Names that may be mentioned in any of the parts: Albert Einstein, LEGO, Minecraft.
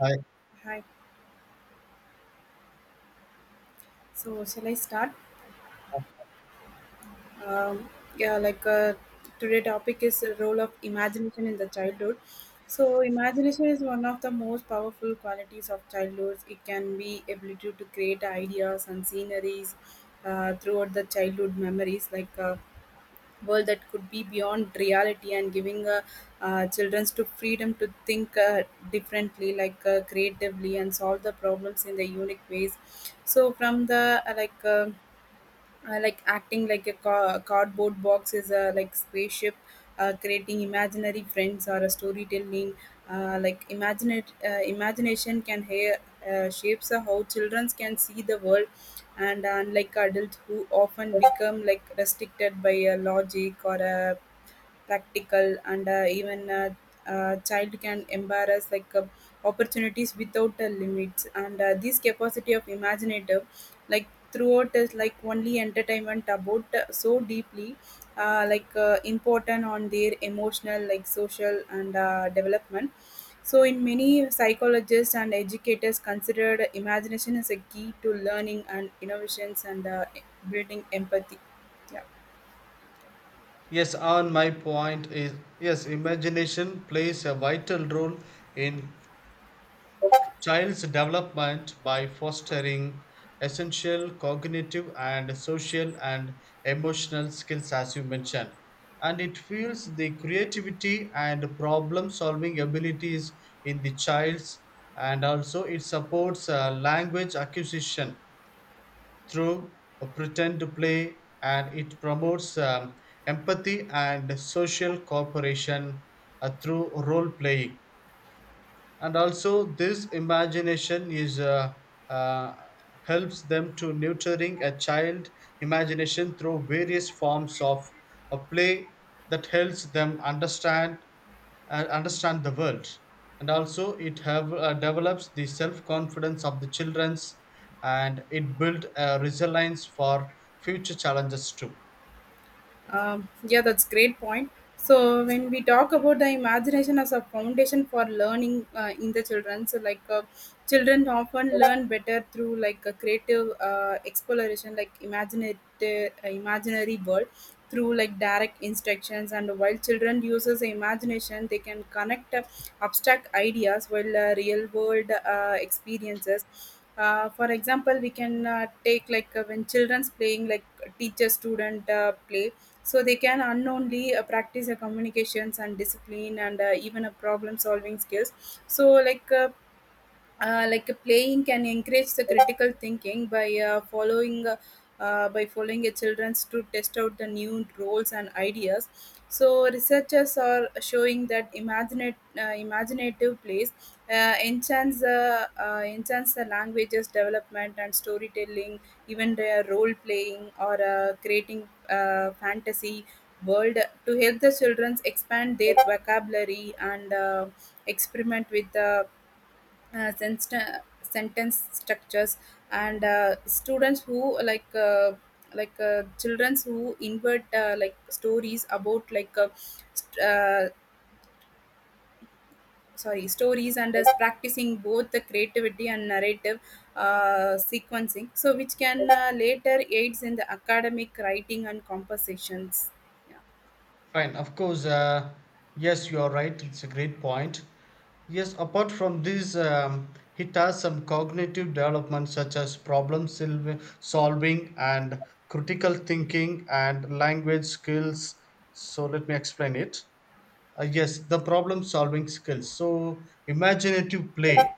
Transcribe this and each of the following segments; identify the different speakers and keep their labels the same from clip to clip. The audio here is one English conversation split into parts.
Speaker 1: I,
Speaker 2: Hi. So shall I start? Um, yeah, like, today topic is the role of imagination in the childhood. So imagination is one of the most powerful qualities of childhood. It can be ability to create ideas and sceneries throughout the childhood memories, like a world that could be beyond reality and giving children to freedom to think differently, like, creatively and solve the problems in the unique ways. So from the like acting like a cardboard box is a like spaceship, creating imaginary friends or a storytelling, like imagine imagination shapes how children can see the world, and unlike adults who often become like restricted by a logic or a practical, and even a child can embrace like opportunities without limits. And this capacity of imaginative, like throughout, is like only entertainment about so deeply. Like, important on their emotional like social and development. So, in many psychologists and educators considered imagination as a key to learning and innovations and building empathy. Yeah.
Speaker 1: yes, on my point is yes, imagination plays a vital role in child's development by fostering essential cognitive and social and emotional skills, as you mentioned. And it fuels the creativity and problem solving abilities in the child's, and also it supports language acquisition through a pretend to play, and it promotes empathy and social cooperation through role playing. And also this imagination is uh, helps them to nurturing a child imagination through various forms of a play that helps them understand understand the world. And also it have develops the self confidence of the children's, and it build a resilience for future challenges too.
Speaker 2: Yeah, that's great point. So when we talk about the imagination as a foundation for learning in the children, so, children often learn better through like a creative exploration, like imaginative imaginary world through like direct instructions, and while children uses imagination they can connect abstract ideas while real world experiences. For example we can take like, when children's playing like teacher student play, so they can unknowingly practice communications and discipline and even a problem solving skills. So, playing can encourage the critical thinking by following by following a children's to test out the new roles and ideas. So researchers are showing that imaginative plays enhance the languages development and storytelling, even the role playing or creating fantasy world to help the children expand their vocabulary and experiment with the sentence structures. And students who like, childrens who invert like stories about like st- sorry stories and is practicing both the creativity and narrative sequencing, so which can later aids in the academic writing and compositions. Yeah.
Speaker 1: Fine, of course. Yes, you are right. It's a great point. Yes, apart from this, it has some cognitive development such as solving and critical thinking and language skills. So, let me explain it. Yes, the problem solving skills, so imaginative play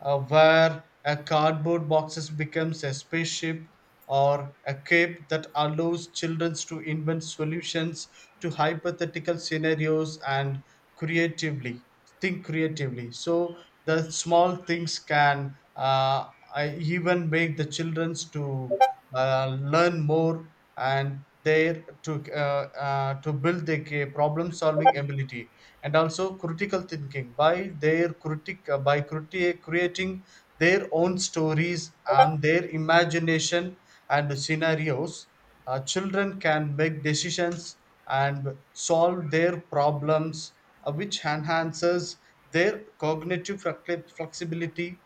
Speaker 1: where a cardboard boxes becomes a spaceship or a cape that allows children to invent solutions to hypothetical scenarios and creatively think creatively. So the small things can I even make the children to learn more, and there to build their problem solving ability, and also critical thinking by their critic by criti- creating their own stories and their imagination and scenarios. Children can make decisions and solve their problems, which enhances their cognitive flexibility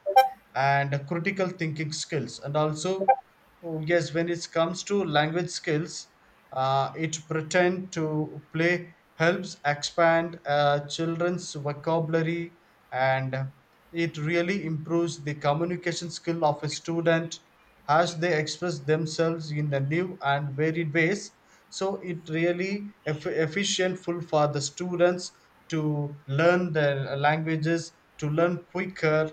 Speaker 1: and critical thinking skills. And also, oh, yes, when it comes to language skills, it pretend to play helps expand children's vocabulary, and it really improves the communication skill of a student as they express themselves in the new and varied ways. So it really efficientful for the students to learn the languages, to learn quicker,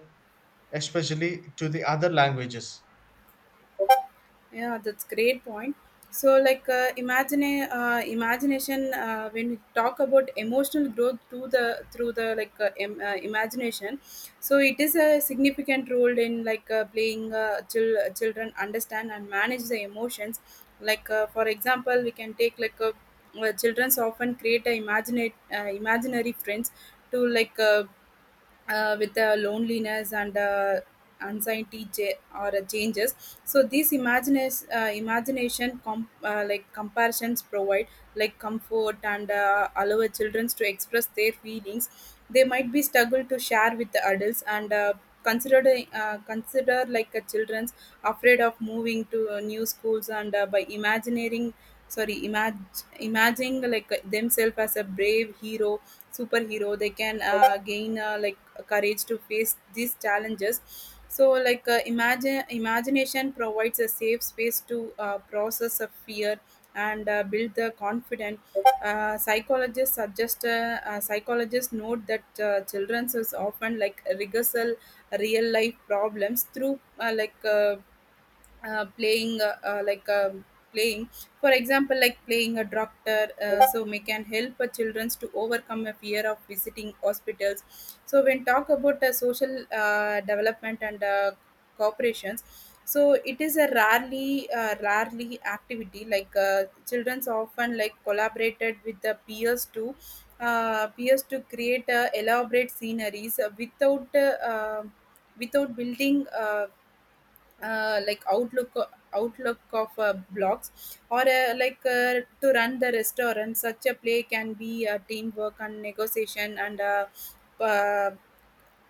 Speaker 1: especially to the other languages.
Speaker 2: Yeah, that's great point. So, like, imagine imagination. When we talk about emotional growth through the imagination, so it is a significant role in like playing children understand and manage the emotions. For example, we can take like, childrens often create a imagine imaginary friends to with the loneliness and anxiety or changes. So these imagination comparisons provide like comfort and allow children to express their feelings they might be struggle to share with the adults, and consider like a children's afraid of moving to new schools, and by imagining like themselves as a brave hero superhero, they can gain like courage to face these challenges. So like uh, imagine imagination provides a safe space to process a fear and build the confidence. Psychologists note that children is often like rehearsal real life problems through like playing like playing, for example like playing a doctor, so may can help children to overcome a fear of visiting hospitals. So when talk about social development and cooperations, so it is a rarely activity. Like, children's often like collaborated with the peers to create elaborate sceneries without building uh, like outlook outlook of blogs or to run the restaurant. Such a play can be a teamwork and negotiation and uh,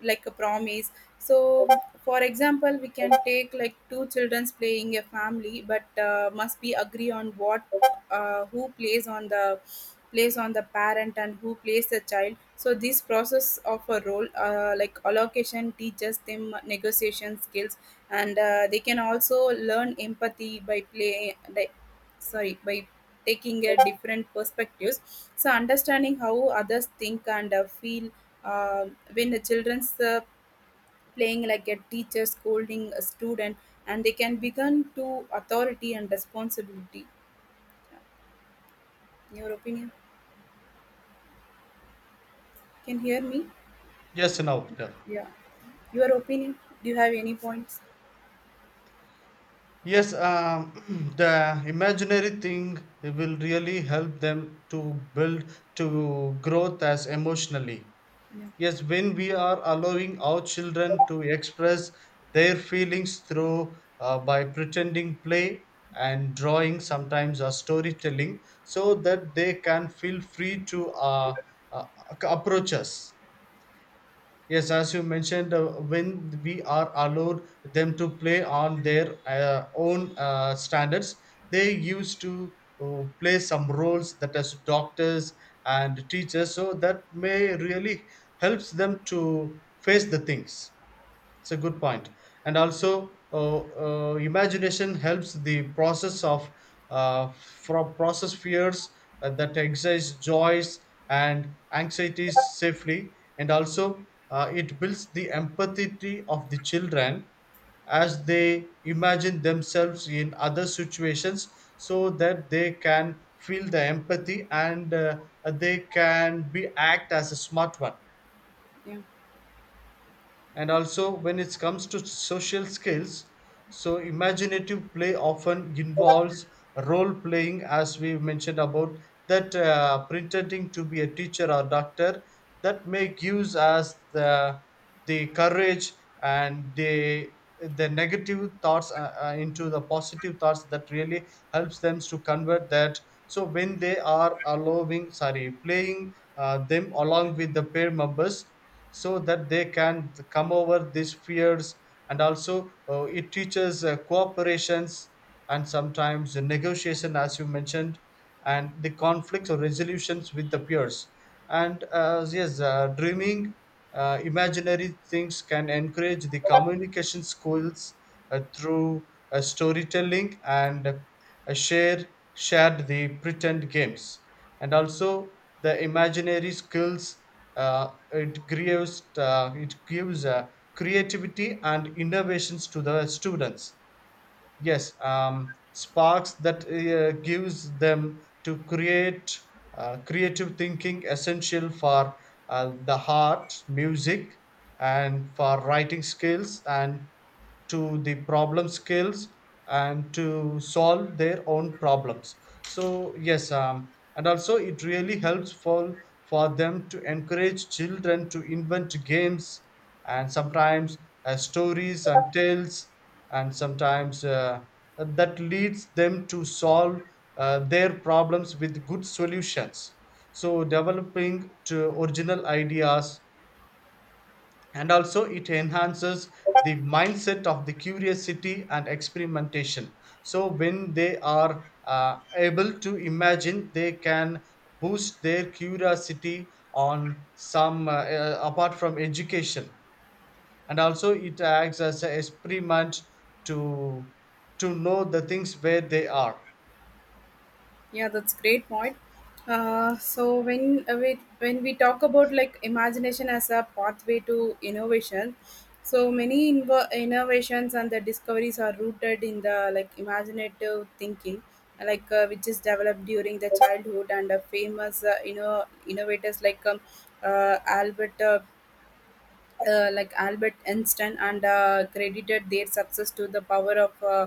Speaker 2: like a promise. So for example we can take like two children's playing a family, but must be agree on what, who plays on the parent and who plays the child. So this process of a role like allocation teaches them negotiation skills. And they can also learn empathy by play like, sorry by taking a different perspectives, so understanding how others think and feel. Um, when the children's playing like a teacher scolding a student, and they can begin to authority and responsibility. Your opinion? Can hear me?
Speaker 1: Yes, now, yeah.
Speaker 2: Yeah. Your opinion? Do you have any points?
Speaker 1: Yes, the imaginary thing will really help them to build to growth as emotionally.
Speaker 2: Yeah.
Speaker 1: Yes, when we are allowing our children to express their feelings through by pretending play and drawing sometimes or storytelling, so that they can feel free to uh, approach us. Yes, as you mentioned, when we are allowed them to play on their own standards, they used to play some roles that as doctors and teachers. So that may really helps them to face the things. It's a good point. And also imagination helps the process of from process fears that exist joys and anxieties safely. And also it builds the empathy of the children as they imagine themselves in other situations, so that they can feel the empathy and they can be act as a smart one.
Speaker 2: Yeah.
Speaker 1: And also, when it comes to social skills, so imaginative play often involves role playing, as we mentioned about, that pretending to be a teacher or doctor, that may gives us the courage and the negative thoughts into the positive thoughts that really helps them to convert that. So when they are allowing, sorry, playing them along with the pair members, so that they can come over these fears. And also it teaches cooperations and sometimes the negotiation, as you mentioned, and the conflicts or resolutions with the peers. And dreaming imaginary things can encourage the communication skills through storytelling and uh, share, shared the pretend games, and also the imaginary skills. It gives creativity and innovations to the students. Yes, sparks that gives them to create creative thinking essential for the heart, music, and for writing skills and to the problem skills and to solve their own problems. And also it really helps for them to encourage children to invent games, and sometimes stories and tales, and sometimes that leads them to solve their problems with good solutions, so developing to original ideas. And also it enhances the mindset of the curiosity and experimentation. So when they are able to imagine, they can boost their curiosity on some apart from education. And also it acts as an experiment to know the things where they are.
Speaker 2: Yeah, that's great point. So when we when we talk about like imagination as a pathway to innovation, so many innovations and the discoveries are rooted in the like imaginative thinking, which is developed during the childhood. And famous innovators like, Albert. Albert Einstein, and credited their success to the power of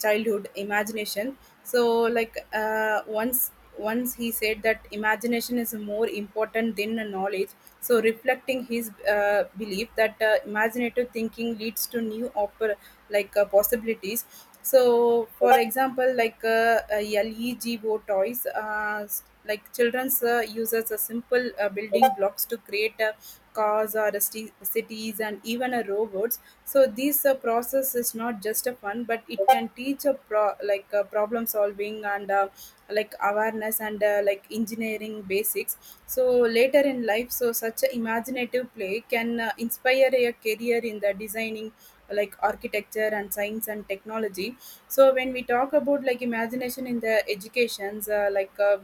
Speaker 2: childhood imagination. So, once he said that imagination is more important than the knowledge. So, reflecting his belief that imaginative thinking leads to new possibilities. So, for example, like, LEGO toys, children's uses a simple building blocks to create a cars or cities and even a robots. So this process is not just a fun, but it can teach a problem solving and like awareness and like engineering basics. So later in life, so such a imaginative play can inspire a career in the designing, like architecture and science and technology. So when we talk about like imagination in the educations,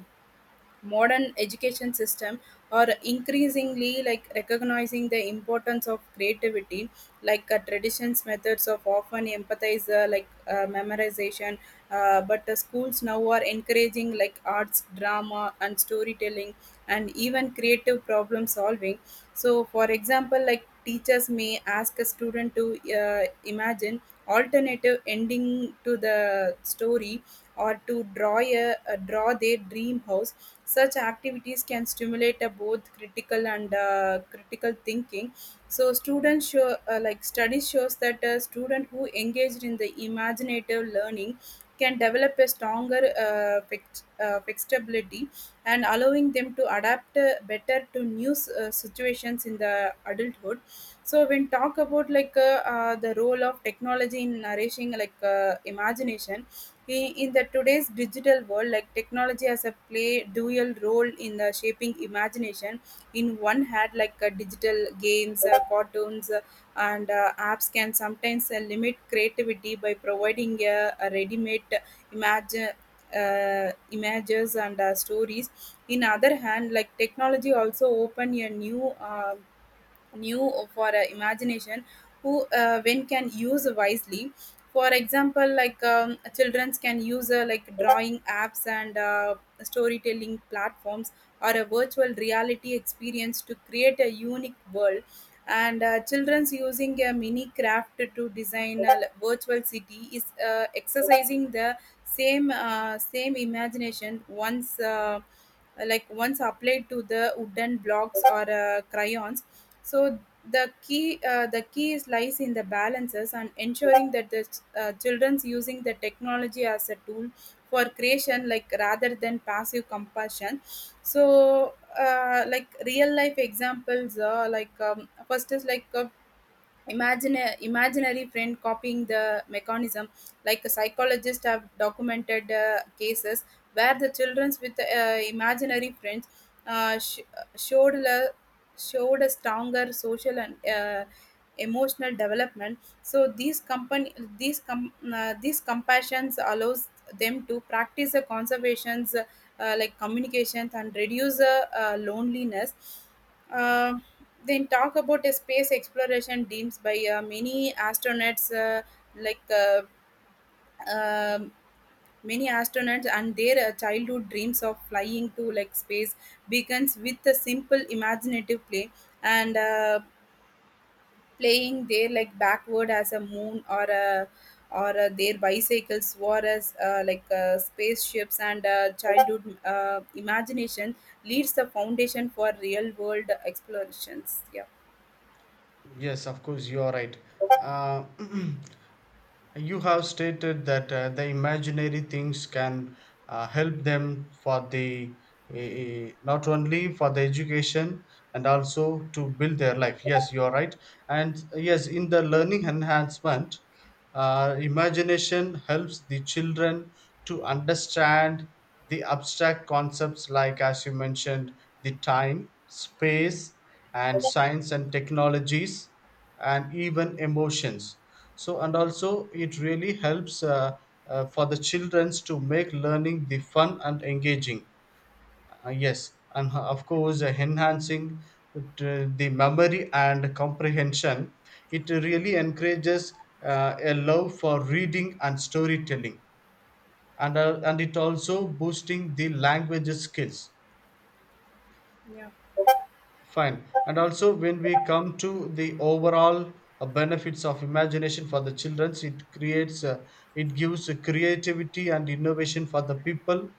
Speaker 2: modern education system are increasingly like recognizing the importance of creativity. Like, traditions methods of often empathize memorization, but the schools now are encouraging like arts drama and storytelling and even creative problem solving. So for example like teachers may ask a student to imagine alternative ending to the story, or to draw their dream house. Such activities can stimulate both critical and critical thinking. So students show like study shows that a student who engaged in the imaginative learning can develop a stronger flexibility and allowing them to adapt better to new situations in the adulthood. So when talk about like the role of technology in nourishing like imagination, in the today's digital world, like technology has a play dual role in the shaping imagination. In one hand, like, digital games, cartoons, and apps can sometimes limit creativity by providing a ready-made imagine images and stories. In other hand, like technology also open a new for imagination, who when can use wisely. For example, like, children can use like drawing apps and storytelling platforms or a virtual reality experience to create a unique world. And children's using a mini craft to design a virtual city is exercising the same imagination once applied to the wooden blocks or crayons. So the key is lies in the balances and ensuring that the children's using the technology as a tool for creation, like rather than passive compassion. So real life examples, like, first is like, imagine a imaginary friend copying the mechanism. Like psychologists have documented cases where the children with imaginary friends uh, sh- showed le- showed a stronger social and emotional development. So these these compassions allows them to practice the conservations, like communications and reduce loneliness. Uh, then talk about a space exploration dreams by like uh, um many astronauts, and their childhood dreams of flying to like space begins with a simple imaginative play. And playing there like backward as a moon, or a or their bicycles were as spaceships. And childhood imagination leads the foundation for real world explorations. Yeah.
Speaker 1: Yes, of course, you are right. uh, You have stated that the imaginary things can help them for the not only for the education, and also to build their life. Yes, you are right. And yes, in the learning enhancement, imagination helps the children to understand the abstract concepts like, as you mentioned, the time, space, and science and technologies, and even emotions. So and also it really helps for the childrens to make learning the fun and engaging. Yes, and of course enhancing the memory and comprehension. It really encourages a love for reading and storytelling, and and it also boosting the language skills.
Speaker 2: Yeah.
Speaker 1: Fine. And also, when we come to the overall benefits of imagination for the children, it gives creativity and innovation for the people.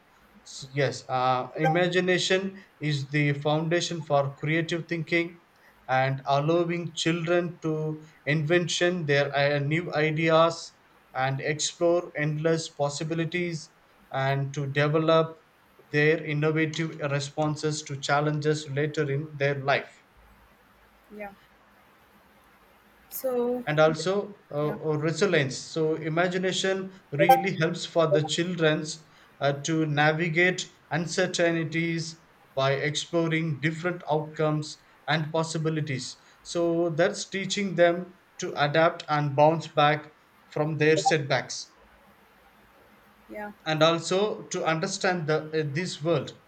Speaker 1: Imagination is the foundation for creative thinking, and allowing children to invention their new ideas and explore endless possibilities, and to develop their innovative responses to challenges later in their life.
Speaker 2: Yeah. So,
Speaker 1: And also
Speaker 2: yeah.
Speaker 1: resilience. So imagination really helps for the childrens to navigate uncertainties by exploring different outcomes and possibilities. So that's teaching them to adapt and bounce back from their setbacks.
Speaker 2: Yeah.
Speaker 1: And also to understand the, this world.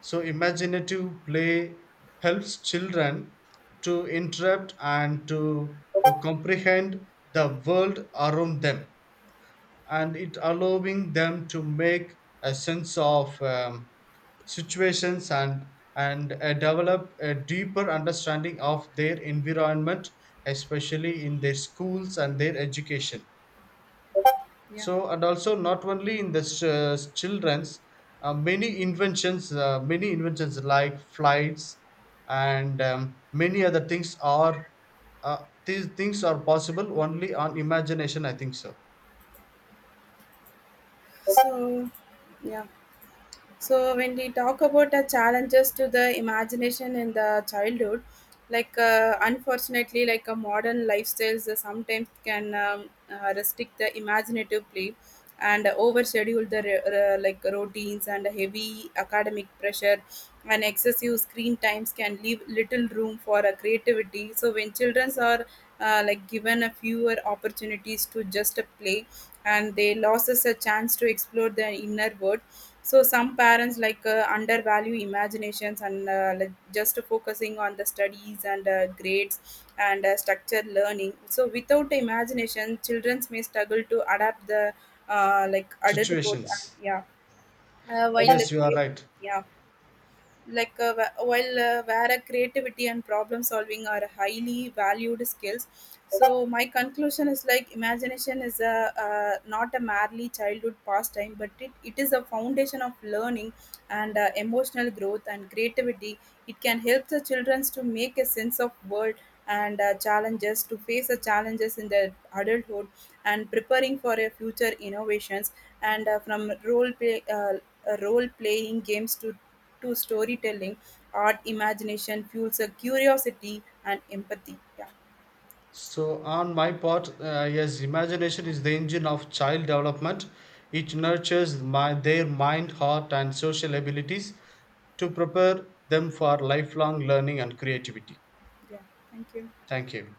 Speaker 1: So imaginative play helps children to interrupt and to comprehend the world around them, and it allowing them to make a sense of situations and develop a deeper understanding of their environment, especially in their schools and their education.
Speaker 2: Yeah.
Speaker 1: So and also not only in the children's, many inventions like flights and many other things are these things are possible only on imagination, I think so.
Speaker 2: So, yeah. So when we talk about the challenges to the imagination in the childhood, unfortunately, like a modern lifestyles sometimes can restrict the imaginative play and overschedule the like routines and heavy academic pressure and excessive screen times can leave little room for creativity. So when children are like given a fewer opportunities to just play, and they loses a chance to explore their inner world. So some parents like undervalue imaginations and like just focusing on the studies and grades and structured learning. So without imagination, children may struggle to adapt the like adulthood. And,
Speaker 1: Situations.
Speaker 2: yeah, uh, while uh,
Speaker 1: Yes, you are right.
Speaker 2: yeah, like wh- while where a creativity and problem solving are highly valued skills. So my conclusion is like imagination is a not a merely childhood pastime, but it is a foundation of learning and emotional growth and creativity. It can help the children to make a sense of world and challenges to face the challenges in their adulthood and preparing for a future innovations. And from role playing games to storytelling, art imagination fuels a curiosity and empathy. Yeah.
Speaker 1: So on my part, yes, imagination is the engine of child development. It nurtures my, their mind, heart and social abilities to prepare them for lifelong learning and creativity.
Speaker 2: Yeah. Thank you.
Speaker 1: Thank you.